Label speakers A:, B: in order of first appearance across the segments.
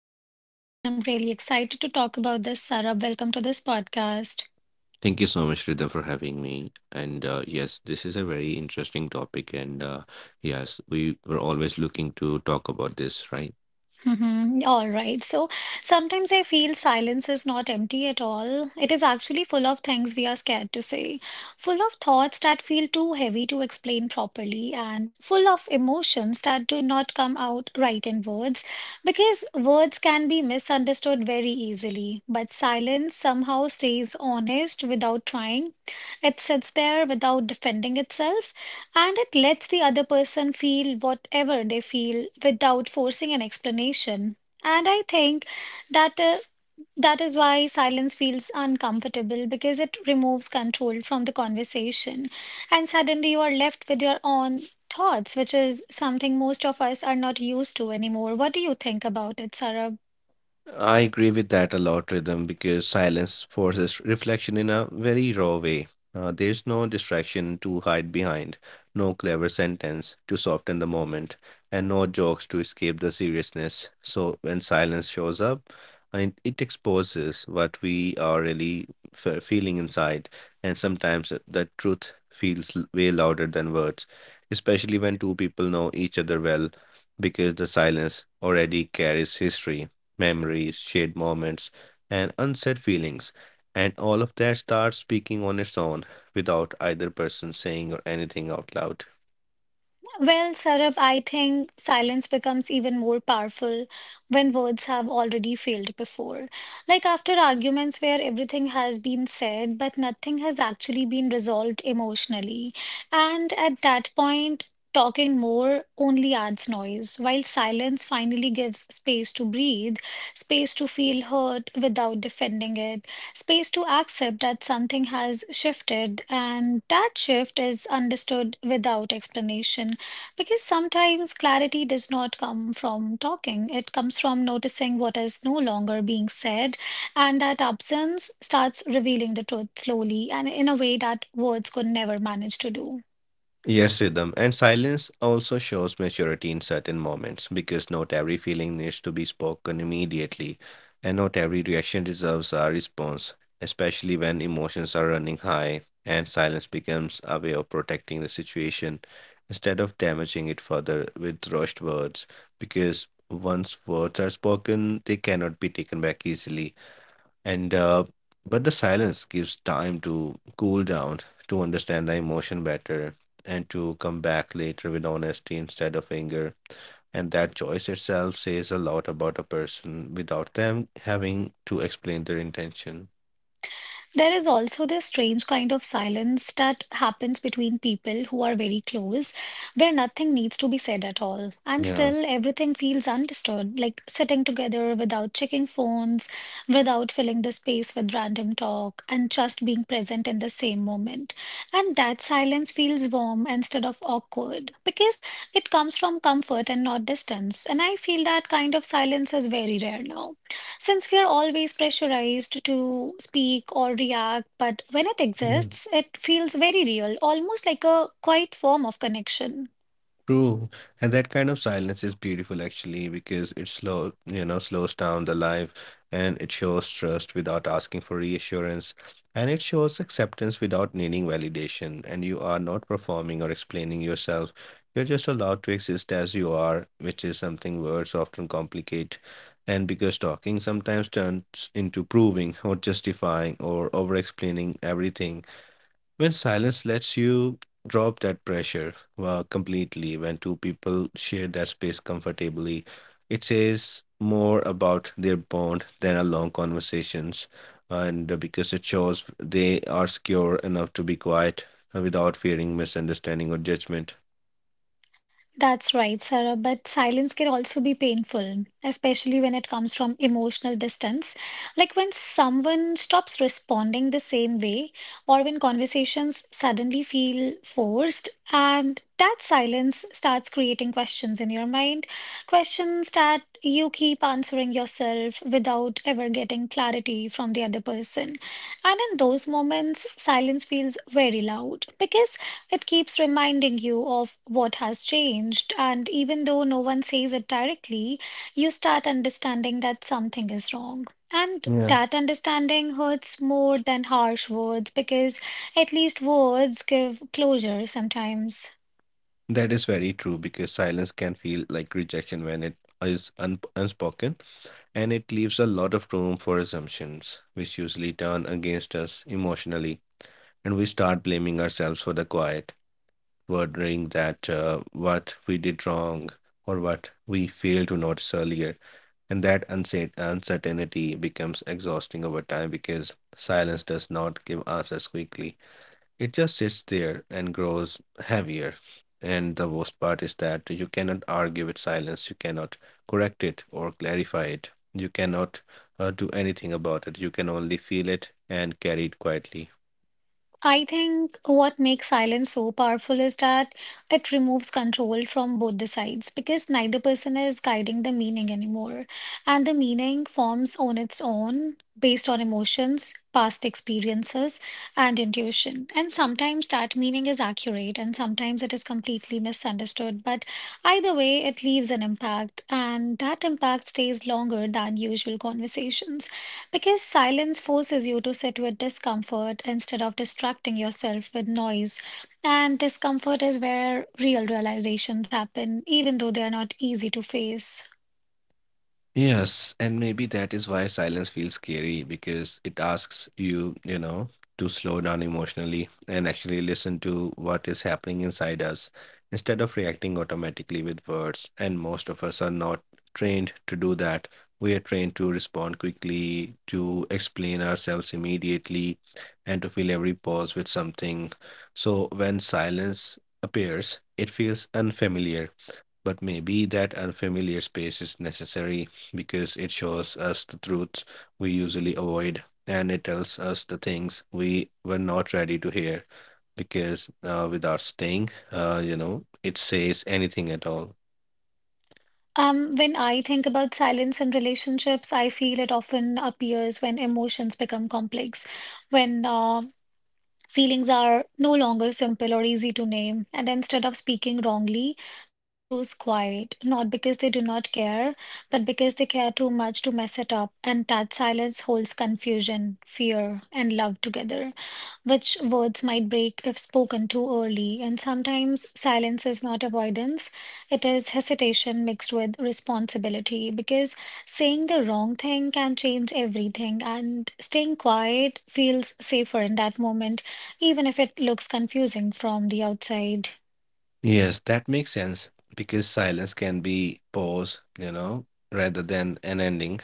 A: more than words. And I'm really excited to talk about this, Sarab. Welcome to this podcast.
B: Thank you so much, Rhythm, for having me. And yes, this is a very interesting topic. And yes, we were always looking to talk about this, right?
A: Mhm. All right. So sometimes I feel silence is not empty at all. It is actually full of things we are scared to say, full of thoughts that feel too heavy to explain properly, and full of emotions that do not come out right in words, because words can be misunderstood very easily. But silence somehow stays honest without trying. It sits there without defending itself. And it lets the other person feel whatever they feel without forcing an explanation. And I think that uh, that is why silence feels uncomfortable because it removes control from the conversation. And suddenly you are left with your own thoughts, which is something most of us are not used to anymore. What do you think about it, Sarab?
B: I agree with that a lot, Rhythm, because silence forces reflection in a very raw way. There's no distraction to hide behind, no clever sentence to soften the moment, and no jokes to escape the seriousness. So when silence shows up, and it exposes what we are really feeling inside, and sometimes the truth feels way louder than words, especially when two people know each other well, because the silence already carries history memories, shared moments, and unsaid feelings. And all of that starts speaking on its own without either person saying or anything out loud.
A: Well, Saurabh, I think silence becomes even more powerful when words have already failed before. Like after arguments where everything has been said, but nothing has actually been resolved emotionally. And at that point, talking more only adds noise, while silence finally gives space to breathe, space to feel hurt without defending it, space to accept that something has shifted, and that shift is understood without explanation. Because sometimes clarity does not come from talking, it comes from noticing what is no longer being said, and that absence starts revealing the truth slowly and in a way that words could never manage to do.
B: Yes, rhythm. And silence also shows maturity in certain moments because not every feeling needs to be spoken immediately, and not every reaction deserves a response, especially when emotions are running high and silence becomes a way of protecting the situation instead of damaging it further with rushed words. Because once words are spoken, they cannot be taken back easily and but the silence gives time to cool down, to understand the emotion better, and to come back later with honesty instead of anger, and that choice itself says a lot about a person without them having to explain their intention.
A: There is also this strange kind of silence that happens between people who are very close, where nothing needs to be said at all. And
B: Yeah.
A: still, everything feels undisturbed, like sitting together without checking phones, without filling the space with random talk, and just being present in the same moment. And that silence feels warm instead of awkward because it comes from comfort and not distance. And I feel that kind of silence is very rare now. Since we are always pressurized to speak or react, but when it
B: Yeah.
A: exists, it feels very real, almost like a quiet form of connection.
B: True, and that kind of silence is beautiful actually because it slows down the life, and it shows trust without asking for reassurance, and it shows acceptance without needing validation, and you are not performing or explaining yourself. You're just allowed to exist as you are, which is something words often complicate. And because talking sometimes turns into proving or justifying or over explaining everything, when silence lets you drop that pressure well, completely, when two people share that space comfortably, it says more about their bond than a long conversations. And because it shows they are secure enough to be quiet, without fearing misunderstanding or judgment.
A: That's right, Sarah, but silence can also be painful, especially when it comes from emotional distance. Like when someone stops responding the same way, or when conversations suddenly feel forced, and that silence starts creating questions in your mind. Questions that you keep answering yourself without ever getting clarity from the other person. And in those moments, silence feels very loud because it keeps reminding you of what has changed. And even though no one says it directly, you start understanding that something is wrong. And
B: Yeah.
A: that understanding hurts more than harsh words because at least words give closure sometimes.
B: That is very true because silence can feel like rejection when it is unspoken, and it leaves a lot of room for assumptions, which usually turn against us emotionally. And we start blaming ourselves for the quiet, wondering that what we did wrong or what we failed to notice earlier. And that unsaid uncertainty becomes exhausting over time because silence does not give answers quickly. It just sits there and grows heavier. And the worst part is that you cannot argue with silence, you cannot correct it or clarify it, you cannot do anything about it. You can only feel it and carry it quietly.
A: I think what makes silence so powerful is that it removes control from both the sides because neither person is guiding the meaning anymore. And the meaning forms on its own based on emotions, past experiences, and intuition. And sometimes that meaning is accurate and sometimes it is completely misunderstood. But either way, it leaves an impact, and that impact stays longer than usual conversations. Because silence forces you to sit with discomfort instead of distracting yourself with noise. And discomfort is where real realizations happen, even though they are not easy to face.
B: Yes, and maybe that is why silence feels scary because it asks you, you know, to slow down emotionally and actually listen to what is happening inside us instead of reacting automatically with words. And most of us are not trained to do that. We are trained to respond quickly, to explain ourselves immediately, and to fill every pause with something. So when silence appears, it feels unfamiliar, but maybe that unfamiliar space is necessary because it shows us the truths we usually avoid, and it tells us the things we were not ready to hear. Because without staying, you know, it says anything at all.
A: When I think about silence in relationships, I feel it often appears when emotions become complex, when feelings are no longer simple or easy to name, and instead of speaking wrongly, people choose quiet, not because they do not care, but because they care too much to mess it up, and that silence holds confusion, fear, and love together which words might break if spoken too early. And sometimes silence is not avoidance, it is hesitation mixed with responsibility because saying the wrong thing can change everything, and staying quiet feels safer in that moment, even if it looks confusing from the outside.
B: Yes, that makes sense because silence can be pause, you know, rather than an ending,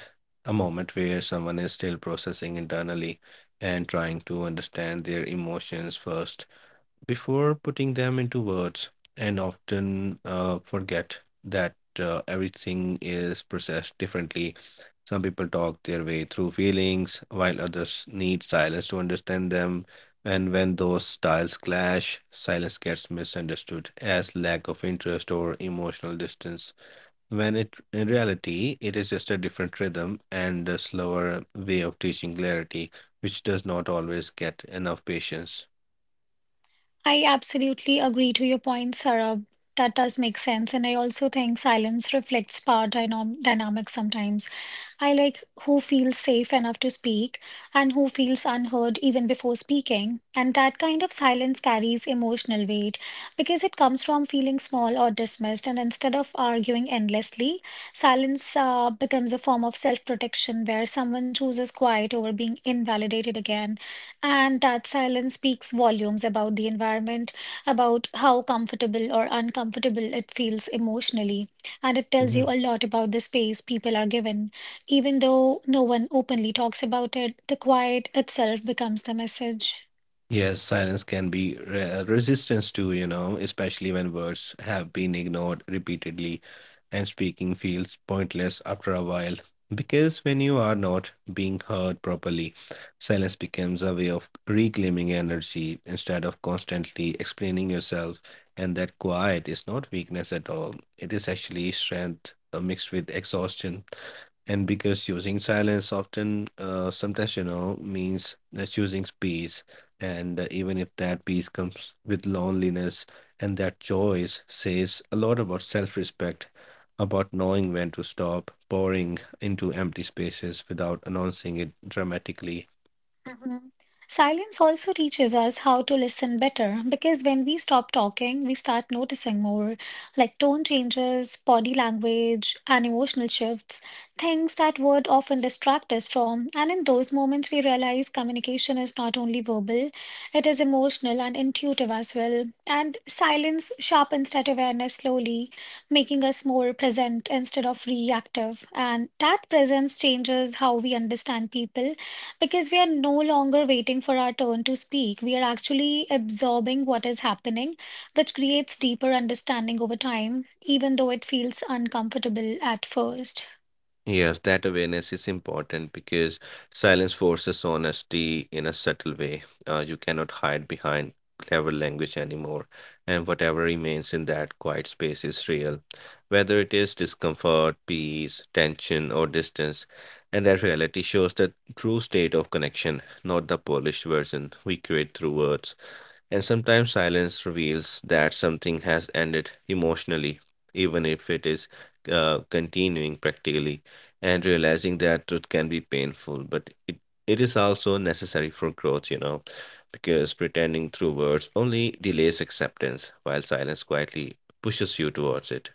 B: a moment where someone is still processing internally and trying to understand their emotions first before putting them into words, and often forget that everything is processed differently. Some people talk their way through feelings, while others need silence to understand them. And when those styles clash, silence gets misunderstood as lack of interest or emotional distance. When it, in reality, it is just a different rhythm and a slower way of teaching clarity, which does not always get enough patience.
A: I absolutely agree to your point, Sarah. That does make sense. And I also think silence reflects power dynamic sometimes. I like who feels safe enough to speak and who feels unheard even before speaking. And that kind of silence carries emotional weight because it comes from feeling small or dismissed. And instead of arguing endlessly, silence becomes a form of self-protection where someone chooses quiet over being invalidated again. And that silence speaks volumes about the environment, about how comfortable or uncomfortable it feels emotionally. And it tells
B: Yeah.
A: you a lot about the space people are given. Even though no one openly talks about it, the quiet itself becomes the message.
B: Yes, silence can be resistance to, you know, especially when words have been ignored repeatedly and speaking feels pointless after a while. Because when you are not being heard properly, silence becomes a way of reclaiming energy instead of constantly explaining yourself. And that quiet is not weakness at all, it is actually strength mixed with exhaustion, and because choosing silence often sometimes you know means choosing peace, and even if that peace comes with loneliness, and that choice says a lot about self-respect, about knowing when to stop pouring into empty spaces without announcing it dramatically.
A: Mhm. Silence also teaches us how to listen better because when we stop talking, we start noticing more like tone changes, body language, and emotional shifts, things that would often distract us from. And in those moments, we realize communication is not only verbal, it is emotional and intuitive as well. And silence sharpens that awareness slowly, making us more present instead of reactive. And that presence changes how we understand people because we are no longer waiting for our turn to speak. We are actually absorbing what is happening, which creates deeper understanding over time, even though it feels uncomfortable at first.
B: Yes, that awareness is important because silence forces honesty in a subtle way. You cannot hide behind clever language anymore, and whatever remains in that quiet space is real, whether it is discomfort, peace, tension, or distance. And that reality shows the true state of connection, not the polished version we create through words. And sometimes silence reveals that something has ended emotionally, even if it is continuing practically. And realizing that truth can be painful, but it is also necessary for growth, you know, because pretending through words only delays acceptance, while silence quietly pushes you towards it.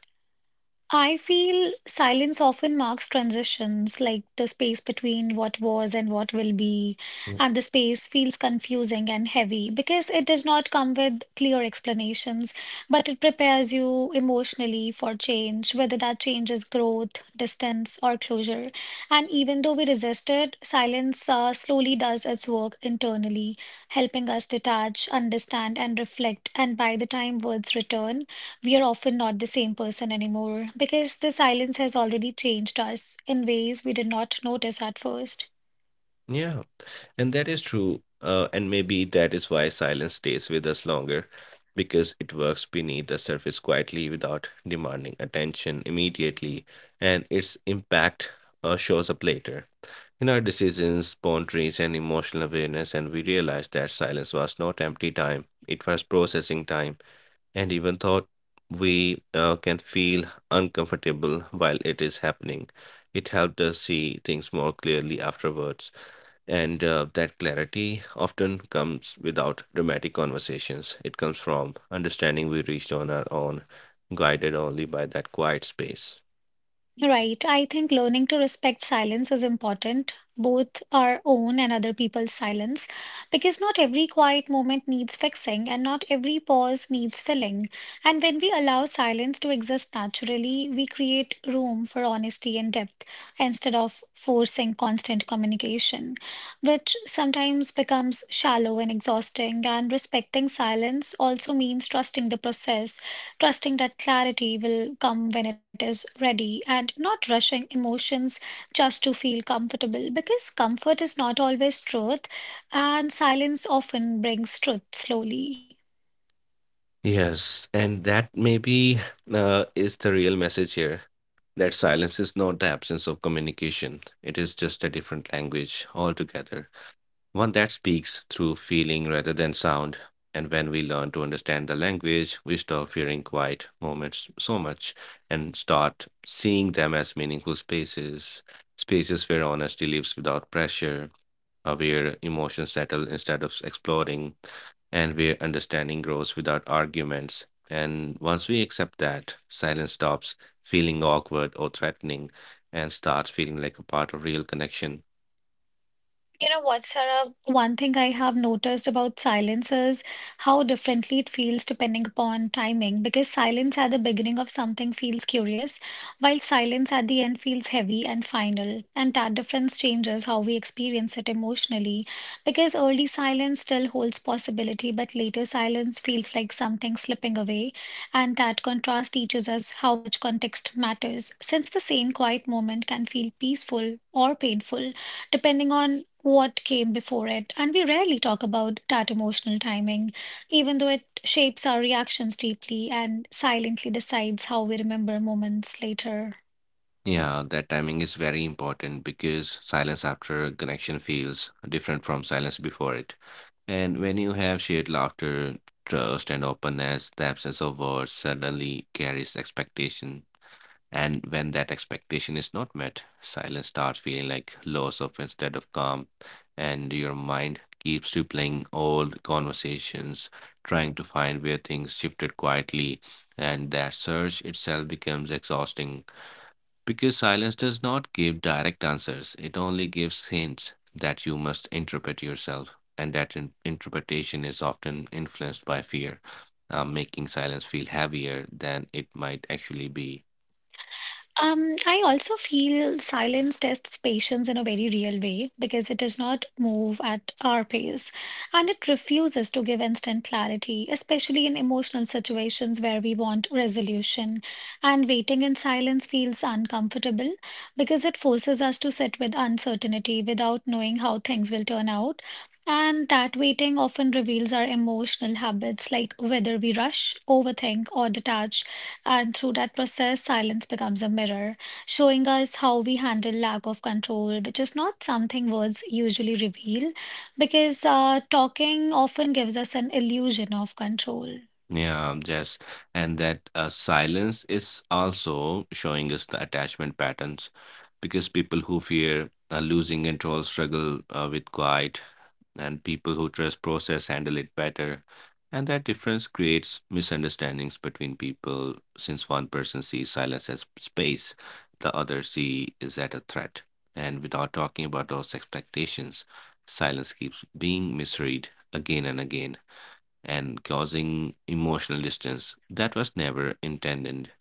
A: I feel silence often marks transitions, like the space between what was and what will be,
B: Mm.
A: and the space feels confusing and heavy because it does not come with clear explanations, but it prepares you emotionally for change, whether that change is growth, distance, or closure. And even though we resist it, silence slowly does its work internally, helping us detach, understand, and reflect. And by the time words return, we are often not the same person anymore because the silence has already changed us in ways we did not notice at first.
B: Yeah. And that is true. And maybe that is why silence stays with us longer, because it works beneath the surface quietly without demanding attention immediately, and its impact shows up later. In our decisions, boundaries, and emotional awareness, and we realized that silence was not empty time, it was processing time. And even though we can feel uncomfortable while it is happening, it helped us see things more clearly afterwards, and that clarity often comes without dramatic conversations. It comes from understanding we reached on our own, guided only by that quiet space.
A: Right, I think learning to respect silence is important, both our own and other people's silence, because not every quiet moment needs fixing and not every pause needs filling. And when we allow silence to exist naturally, we create room for honesty and depth instead of forcing constant communication, which sometimes becomes shallow and exhausting. And respecting silence also means trusting the process, trusting that clarity will come when it is ready, and not rushing emotions just to feel comfortable because comfort is not always truth, and silence often brings truth slowly.
B: Yes, and that maybe is the real message here. That silence is not the absence of communication, it is just a different language altogether, one that speaks through feeling rather than sound. And when we learn to understand the language, we stop fearing quiet moments so much and start seeing them as meaningful spaces, spaces where honesty lives without pressure, where emotions settle instead of exploding, and where understanding grows without arguments. And once we accept that, silence stops feeling awkward or threatening and starts feeling like a part of real connection.
A: You know what, Sarah? One thing I have noticed about silence is how differently it feels depending upon timing. Because silence at the beginning of something feels curious, while silence at the end feels heavy and final. And that difference changes how we experience it emotionally. Because early silence still holds possibility, but later silence feels like something slipping away. And that contrast teaches us how much context matters, since the same quiet moment can feel peaceful or painful depending on what came before it. And we rarely talk about that emotional timing, even though it shapes our reactions deeply and silently decides how we remember moments later.
B: Yeah, that timing is very important because silence after connection feels different from silence before it. And when you have shared laughter, trust, and openness, the absence of words suddenly carries expectation. And when that expectation is not met, silence starts feeling like loss of instead of calm, and your mind keeps replaying old conversations, trying to find where things shifted quietly, and that search itself becomes exhausting because silence does not give direct answers, it only gives hints that you must interpret yourself, and that interpretation is often influenced by fear, making silence feel heavier than it might actually be.
A: I also feel silence tests patience in a very real way because it does not move at our pace and it refuses to give instant clarity, especially in emotional situations where we want resolution. And waiting in silence feels uncomfortable because it forces us to sit with uncertainty without knowing how things will turn out. And that waiting often reveals our emotional habits, like whether we rush, overthink, or detach and through that process, silence becomes a mirror, showing us how we handle lack of control, which is not something words usually reveal, because talking often gives us an illusion of control.
B: Yeah, yes, and that silence is also showing us the attachment patterns because people who fear losing control struggle with quiet, and people who trust process handle it better. And that difference creates misunderstandings between people since one person sees silence as space, the other see is at a threat. And without talking about those expectations, silence keeps being misread again and again, and causing emotional distance that was never intended.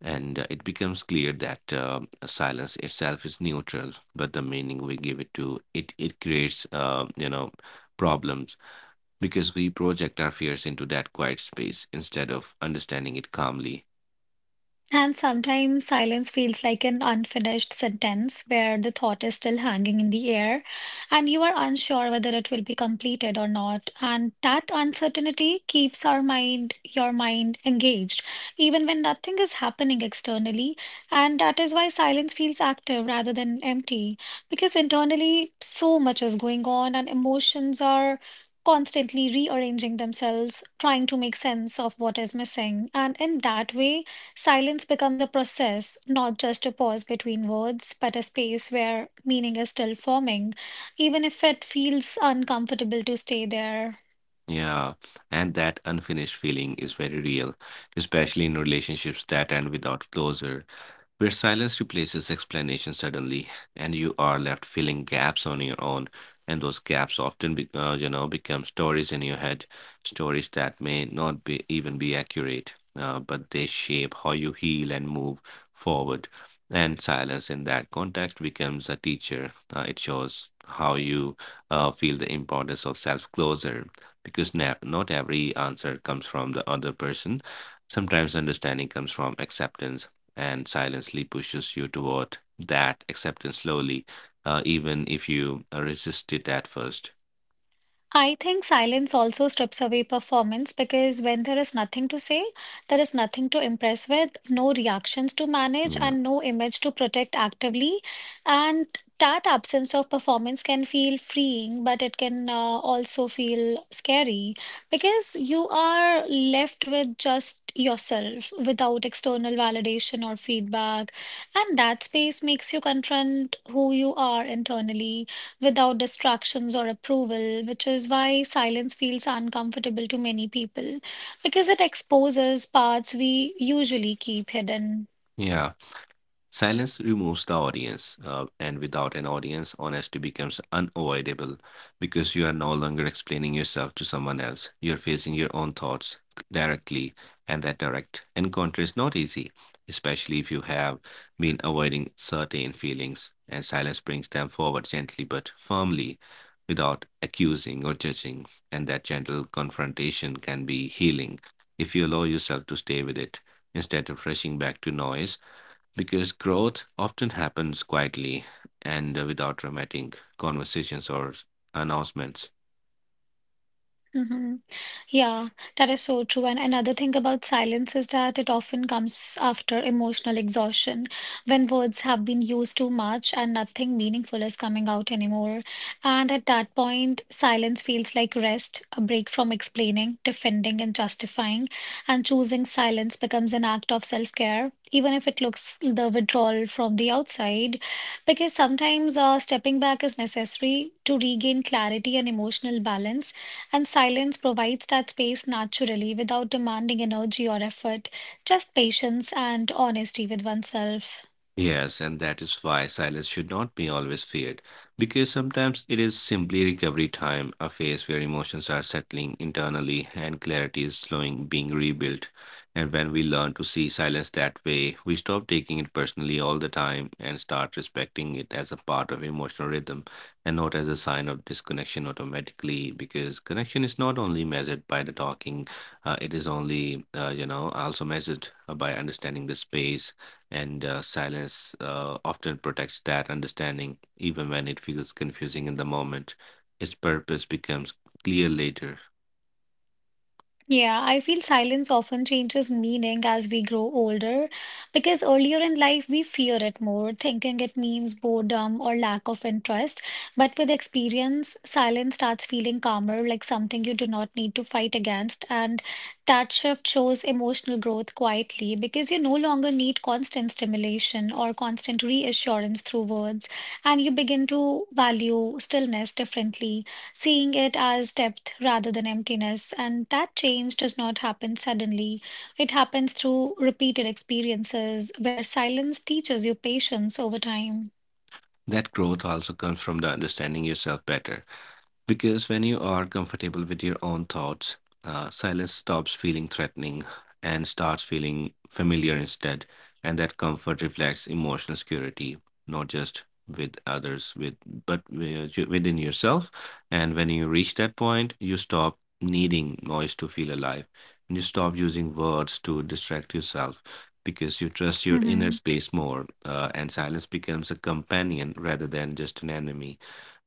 B: And it becomes clear that silence itself is neutral, but the meaning we give it to it it creates problems because we project our fears into that quiet space instead of understanding it calmly.
A: And sometimes silence feels like an unfinished sentence where the thought is still hanging in the air and you are unsure whether it will be completed or not. And that uncertainty keeps your mind engaged, even when nothing is happening externally. And that is why silence feels active rather than empty, because internally so much is going on and emotions are constantly rearranging themselves, trying to make sense of what is missing. And in that way, silence becomes a process, not just a pause between words, but a space where meaning is still forming, even if it feels uncomfortable to stay there.
B: Yeah, and that unfinished feeling is very real, especially in relationships that end without closure, where silence replaces explanation suddenly, and you are left filling gaps on your own. And those gaps often, become stories in your head, stories that may not be even be accurate, but they shape how you heal and move forward. And silence in that context becomes a teacher. It shows how you feel the importance of self closure, because not every answer comes from the other person. Sometimes understanding comes from acceptance, and silently pushes you toward that acceptance slowly, even if you resist it at first.
A: I think silence also strips away performance because when there is nothing to say, there is nothing to impress with, no reactions to manage,
B: Yeah.
A: and no image to protect actively. And that absence of performance can feel freeing, but it can also feel scary because you are left with just yourself without external validation or feedback. And that space makes you confront who you are internally without distractions or approval, which is why silence feels uncomfortable to many people because it exposes parts we usually keep hidden.
B: Yeah. Silence removes the audience, and without an audience, honesty becomes unavoidable because you are no longer explaining yourself to someone else. You're facing your own thoughts directly, and that direct encounter is not easy, especially if you have been avoiding certain feelings, and silence brings them forward gently but firmly without accusing or judging. And that gentle confrontation can be healing if you allow yourself to stay with it instead of rushing back to noise because growth often happens quietly and without dramatic conversations or announcements.
A: Mhm. Yeah, that is so true. And another thing about silence is that it often comes after emotional exhaustion, when words have been used too much and nothing meaningful is coming out anymore. And at that point, silence feels like rest, a break from explaining, defending, and justifying. And choosing silence becomes an act of self-care, even if it looks the withdrawal from the outside, because sometimes stepping back is necessary to regain clarity and emotional balance and silence provides that space naturally without demanding energy or effort, just patience and honesty with oneself.
B: Yes, and that is why silence should not be always feared, because sometimes it is simply recovery time, a phase where emotions are settling internally and clarity is slowing being rebuilt. And when we learn to see silence that way, we stop taking it personally all the time and start respecting it as a part of emotional rhythm and not as a sign of disconnection automatically, because connection is not only measured by the talking, it is only, also measured by understanding the space and silence often protects that understanding, even when it feels confusing in the moment. Its purpose becomes clear later.
A: Yeah, I feel silence often changes meaning as we grow older because earlier in life we fear it more, thinking it means boredom or lack of interest. But with experience, silence starts feeling calmer, like something you do not need to fight against. And that shift shows emotional growth quietly because you no longer need constant stimulation or constant reassurance through words, and you begin to value stillness differently, seeing it as depth rather than emptiness. And that change does not happen suddenly, it happens through repeated experiences where silence teaches you patience over time.
B: That growth also comes from the understanding yourself better. Because when you are comfortable with your own thoughts, silence stops feeling threatening and starts feeling familiar instead. And that comfort reflects emotional security, not just with others, with within yourself. And when you reach that point, you stop needing noise to feel alive, and you stop using words to distract yourself because you trust your inner
A: Mm-hmm.
B: space more, and silence becomes a companion rather than just an enemy,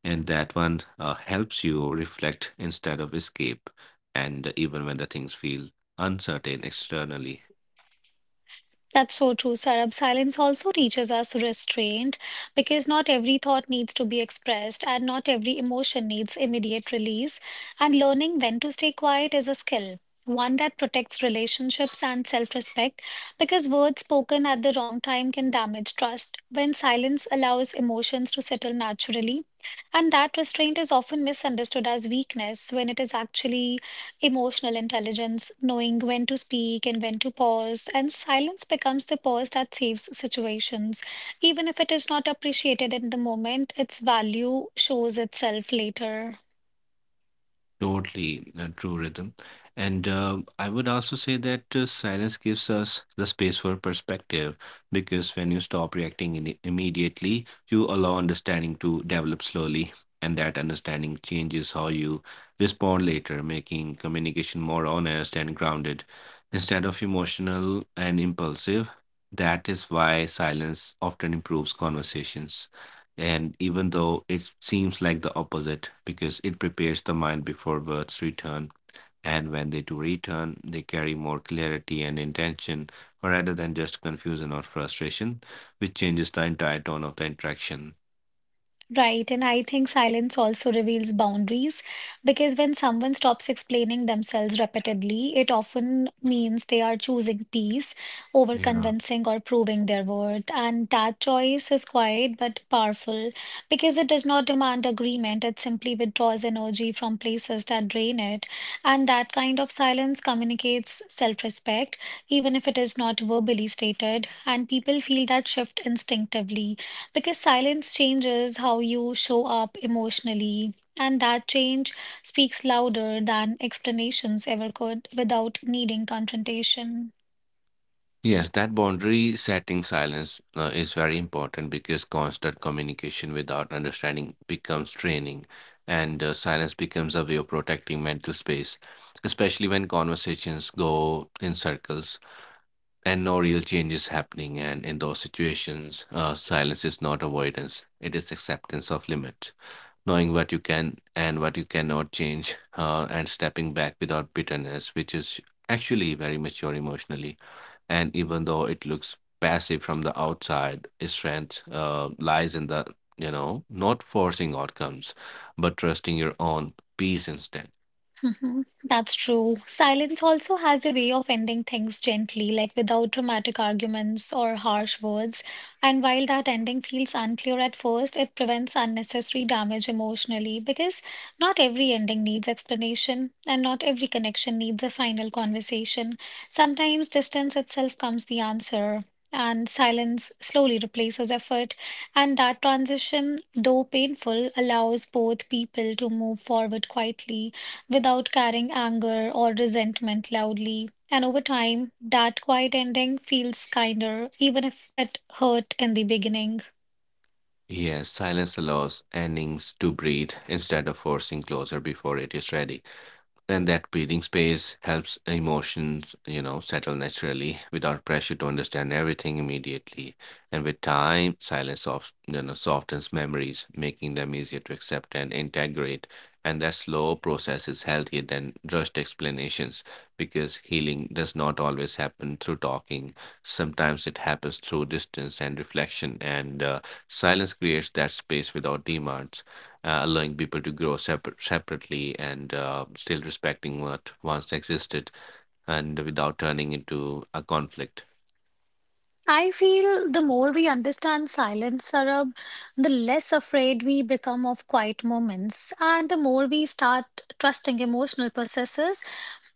B: and that one helps you reflect instead of escape, and even when the things feel uncertain externally.
A: That's so true, Sarab. Silence also teaches us restraint because not every thought needs to be expressed and not every emotion needs immediate release. And learning when to stay quiet is a skill, one that protects relationships and self respect because words spoken at the wrong time can damage trust. When silence allows emotions to settle naturally, and that restraint is often misunderstood as weakness when it is actually emotional intelligence, knowing when to speak and when to pause, and silence becomes the pause that saves situations. Even if it is not appreciated in the moment, its value shows itself later.
B: Totally a true rhythm. And I would also say that silence gives us the space for perspective because when you stop reacting in immediately, you allow understanding to develop slowly. And that understanding changes how you respond later, making communication more honest and grounded instead of emotional and impulsive. That is why silence often improves conversations. And even though it seems like the opposite, because it prepares the mind before words return, and when they do return, they carry more clarity and intention rather than just confusion or frustration, which changes the entire tone of the interaction.
A: Right, and I think silence also reveals boundaries because when someone stops explaining themselves repeatedly, it often means they are choosing peace over
B: Yeah.
A: convincing or proving their worth. And that choice is quiet but powerful because it does not demand agreement, it simply withdraws energy from places that drain it. And that kind of silence communicates self-respect, even if it is not verbally stated, and people feel that shift instinctively because silence changes how you show up emotionally, and that change speaks louder than explanations ever could without needing confrontation.
B: Yes, that boundary setting silence is very important because constant communication without understanding becomes training, and silence becomes a way of protecting mental space, especially when conversations go in circles and no real change is happening. And in those situations, silence is not avoidance, it is acceptance of limit, knowing what you can and what you cannot change, and stepping back without bitterness, which is actually very mature emotionally. And even though it looks passive from the outside, its strength lies in the, you know, not forcing outcomes, but trusting your own peace instead.
A: Hmm. That's true. Silence also has a way of ending things gently, like without dramatic arguments or harsh words. And while that ending feels unclear at first, it prevents unnecessary damage emotionally because not every ending needs explanation and not every connection needs a final conversation. Sometimes distance itself comes the answer. And silence slowly replaces effort, and that transition, though painful, allows both people to move forward quietly without carrying anger or resentment loudly. And over time, that quiet ending feels kinder, even if it hurt in the beginning.
B: Yes, silence allows endings to breathe instead of forcing closure before it is ready. Then that breathing space helps emotions, you know, settle naturally without pressure to understand everything immediately. And with time, silence soft, you know, softens memories, making them easier to accept and integrate. And that slow process is healthier than rushed explanations because healing does not always happen through talking. Sometimes it happens through distance and reflection, and silence creates that space without demands, allowing people to grow separately, and still respecting what once existed and without turning into a conflict.
A: I feel the more we understand silence, Sarab, the less afraid we become of quiet moments, and the more we start trusting emotional processes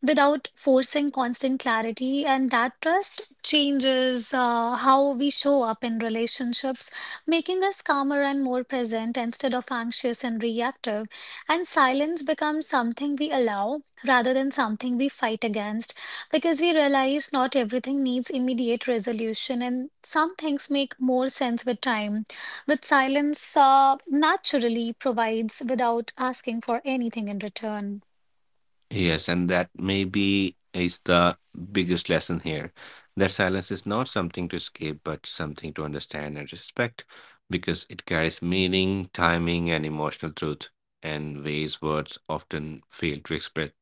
A: without forcing constant clarity. And that trust changes how we show up in relationships, making us calmer and more present instead of anxious and reactive. And silence becomes something we allow rather than something we fight against because we realize not everything needs immediate resolution and some things make more sense with time, with silence naturally provides without asking for anything in return.
B: Yes, and that maybe is the biggest lesson here, that silence is not something to escape, but something to understand and respect because it carries meaning, timing, and emotional truth and ways words often fail to express.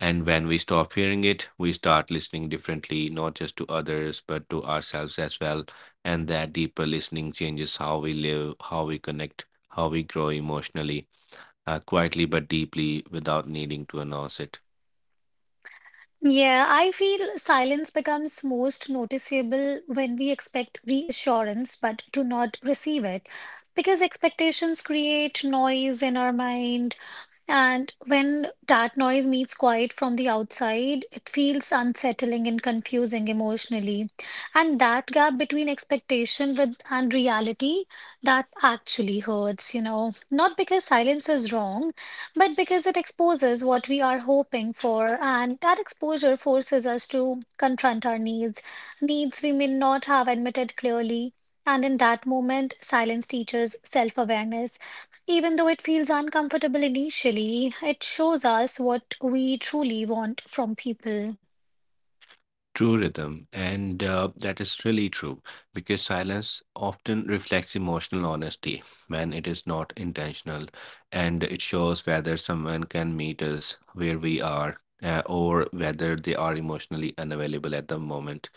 B: And when we stop hearing it, we start listening differently, not just to others, but to ourselves as well. And that deeper listening changes how we live, how we connect, how we grow emotionally, quietly but deeply without needing to announce it.
A: Yeah, I feel silence becomes most noticeable when we expect reassurance but do not receive it because expectations create noise in our mind. And when that noise meets quiet from the outside, it feels unsettling and confusing emotionally. And that gap between expectation with and reality, that actually hurts, you know. Not because silence is wrong, but because it exposes what we are hoping for, and that exposure forces us to confront our needs, needs we may not have admitted clearly. And in that moment, silence teaches self awareness. Even though it feels uncomfortable initially, it shows us what we truly want from people.
B: True rhythm, and that is really true because silence often reflects emotional honesty when it is not intentional, and it shows whether someone can meet us where we are or whether they are emotionally unavailable at the moment.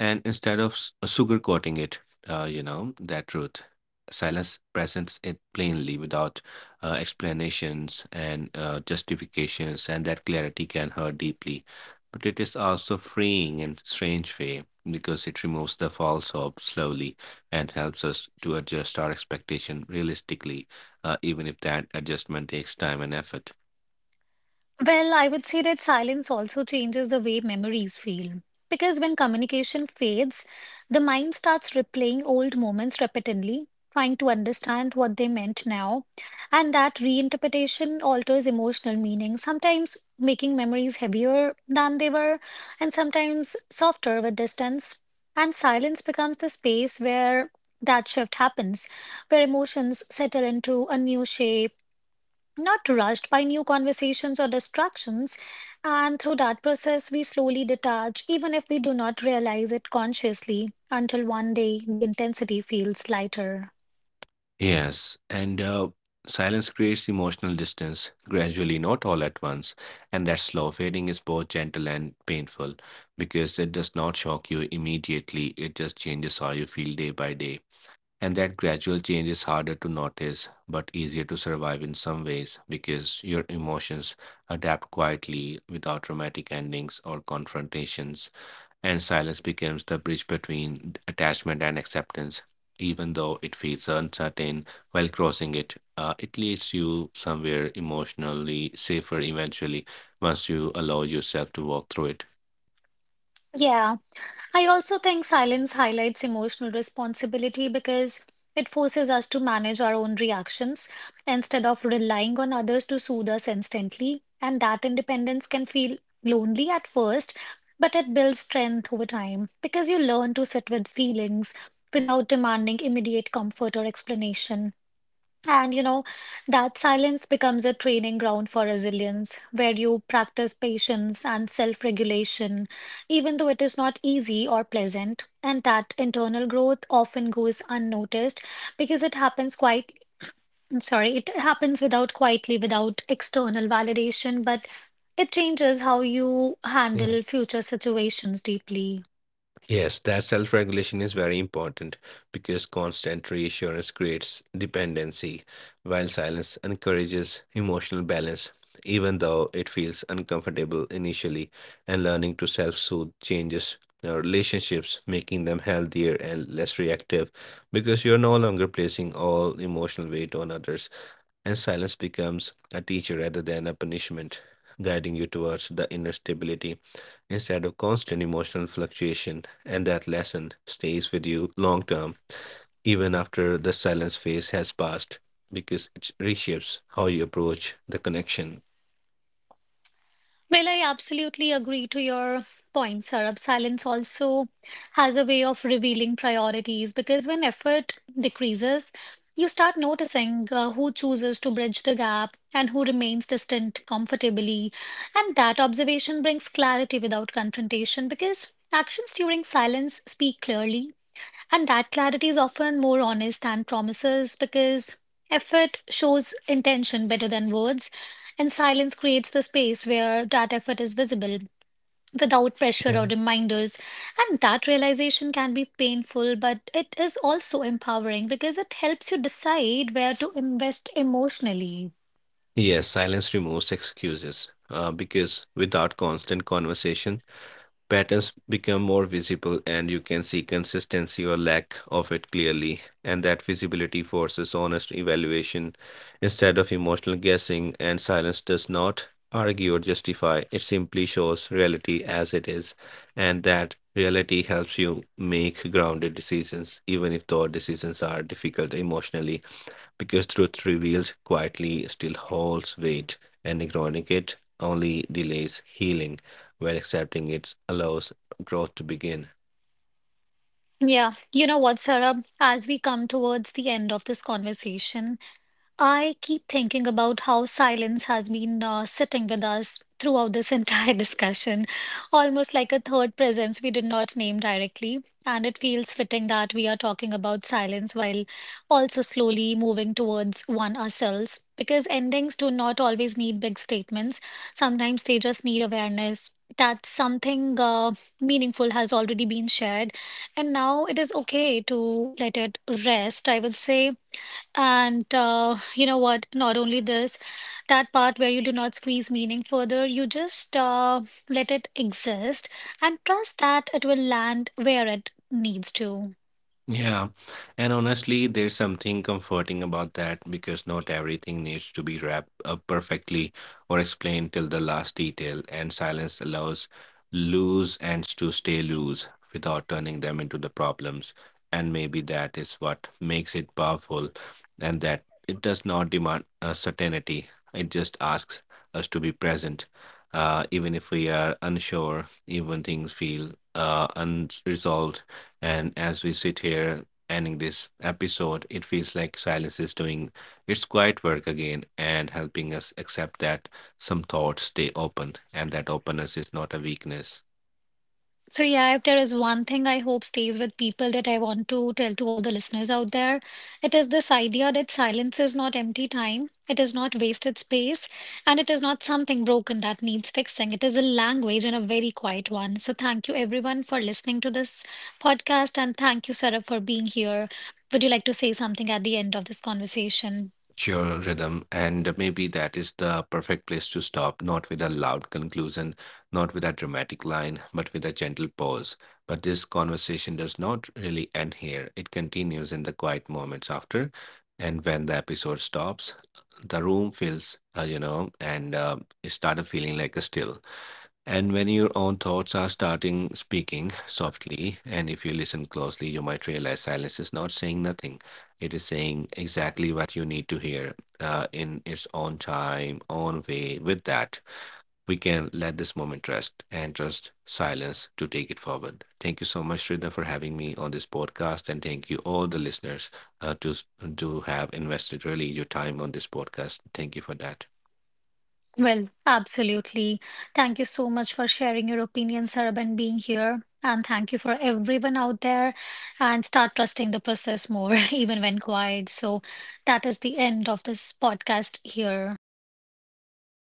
B: And instead of sugarcoating it, that truth, silence presents it plainly without explanations and justifications, and that clarity can hurt deeply. But it is also freeing in strange way because it removes the false hope slowly and helps us to adjust our expectation realistically, even if that adjustment takes time and effort.
A: Well, I would say that silence also changes the way memories feel. Because when communication fades, the mind starts replaying old moments repeatedly, trying to understand what they meant now. And that reinterpretation alters emotional meaning, sometimes making memories heavier than they were, and sometimes softer with distance. And silence becomes the space where that shift happens, where emotions settle into a new shape not rushed by new conversations or distractions. And through that process, we slowly detach, even if we do not realize it consciously, until one day the intensity feels lighter.
B: Yes, and silence creates emotional distance gradually, not all at once. And that slow fading is both gentle and painful because it does not shock you immediately, it just changes how you feel day by day. And that gradual change is harder to notice but easier to survive in some ways because your emotions adapt quietly without dramatic endings or confrontations, and silence becomes the bridge between attachment and acceptance. Even though it feels uncertain while crossing it, it leads you somewhere emotionally safer eventually once you allow yourself to walk through it.
A: Yeah. I also think silence highlights emotional responsibility because it forces us to manage our own reactions instead of relying on others to soothe us instantly. And that independence can feel lonely at first, but it builds strength over time because you learn to sit with feelings without demanding immediate comfort or explanation. And you know, that silence becomes a training ground for resilience, where you practice patience and self-regulation, even though it is not easy or pleasant. And that internal growth often goes unnoticed because it happens quite, I'm sorry, it happens without quietly, without external validation, but it changes how you handle future situations deeply.
B: Yes, that self regulation is very important because constant reassurance creates dependency, while silence encourages emotional balance, even though it feels uncomfortable initially. And learning to self soothe changes our relationships, making them healthier and less reactive because you're no longer placing all emotional weight on others. And silence becomes a teacher rather than a punishment, guiding you towards the inner stability instead of constant emotional fluctuation, and that lesson stays with you long term, even after the silence phase has passed, because it reshapes how you approach the connection.
A: Well, I absolutely agree to your point, Sarab. Silence also has a way of revealing priorities because when effort decreases, you start noticing who chooses to bridge the gap and who remains distant comfortably. And that observation brings clarity without confrontation because actions during silence speak clearly and that clarity is often more honest than promises because effort shows intention better than words, and silence creates the space where that effort is visible without pressure
B: Yeah.
A: or reminders. And that realization can be painful, but it is also empowering because it helps you decide where to invest emotionally.
B: Yes, silence removes excuses, because without constant conversation, patterns become more visible and you can see consistency or lack of it clearly. And that visibility forces honest evaluation instead of emotional guessing, and silence does not argue or justify, it simply shows reality as it is. And that reality helps you make grounded decisions, even if those decisions are difficult emotionally because truth revealed quietly still holds weight, and ignoring it only delays healing, while accepting it allows growth to begin.
A: Yeah, you know what, Sarah, as we come towards the end of this conversation, I keep thinking about how silence has been sitting with us throughout this entire discussion, almost like a third presence we did not name directly. And it feels fitting that we are talking about silence while also slowly moving towards one ourselves, because endings do not always need big statements. Sometimes they just need awareness that something meaningful has already been shared, and now it is okay to let it rest, I would say. And you know what? Not only this, that part where you do not squeeze meaning further, you just let it exist and trust that it will land where it needs to.
B: Yeah. And honestly, there's something comforting about that because not everything needs to be wrapped up perfectly or explained till the last detail, and silence allows loose ends to stay loose without turning them into the problems. And maybe that is what makes it powerful, and that it does not demand a certainty. It just asks us to be present, even if we are unsure, even things feel unresolved, and as we sit here ending this episode, it feels like silence is doing its quiet work again and helping us accept that some thoughts stay open and that openness is not a weakness.
A: So, yeah, if there is one thing I hope stays with people that I want to tell to all the listeners out there, it is this idea that silence is not empty time, it is not wasted space, and it is not something broken that needs fixing. It is a language and a very quiet one. So, thank you everyone for listening to this podcast, and thank you, Sarah, for being here. Would you like to say something at the end of this conversation?
B: Sure, rhythm. And maybe that is the perfect place to stop, not with a loud conclusion, not with a dramatic line, but with a gentle pause. But this conversation does not really end here. It continues in the quiet moments after. And when the episode stops, the room feels, you know, and it started feeling like a still. And when your own thoughts are starting speaking softly, and if you listen closely, you might realize silence is not saying nothing. It is saying exactly what you need to hear in its own time, own way. With that, we can let this moment rest and trust silence to take it forward. Thank you so much, Shrida, for having me on this podcast. And thank you, all the listeners, uh, to, to have invested really your time on this podcast. Thank you for that.
A: Well, absolutely. Thank you so much for sharing your opinion, Sarab, and being here. And thank you for everyone out there. And start trusting the process more, even when quiet. So that is the end of this podcast here.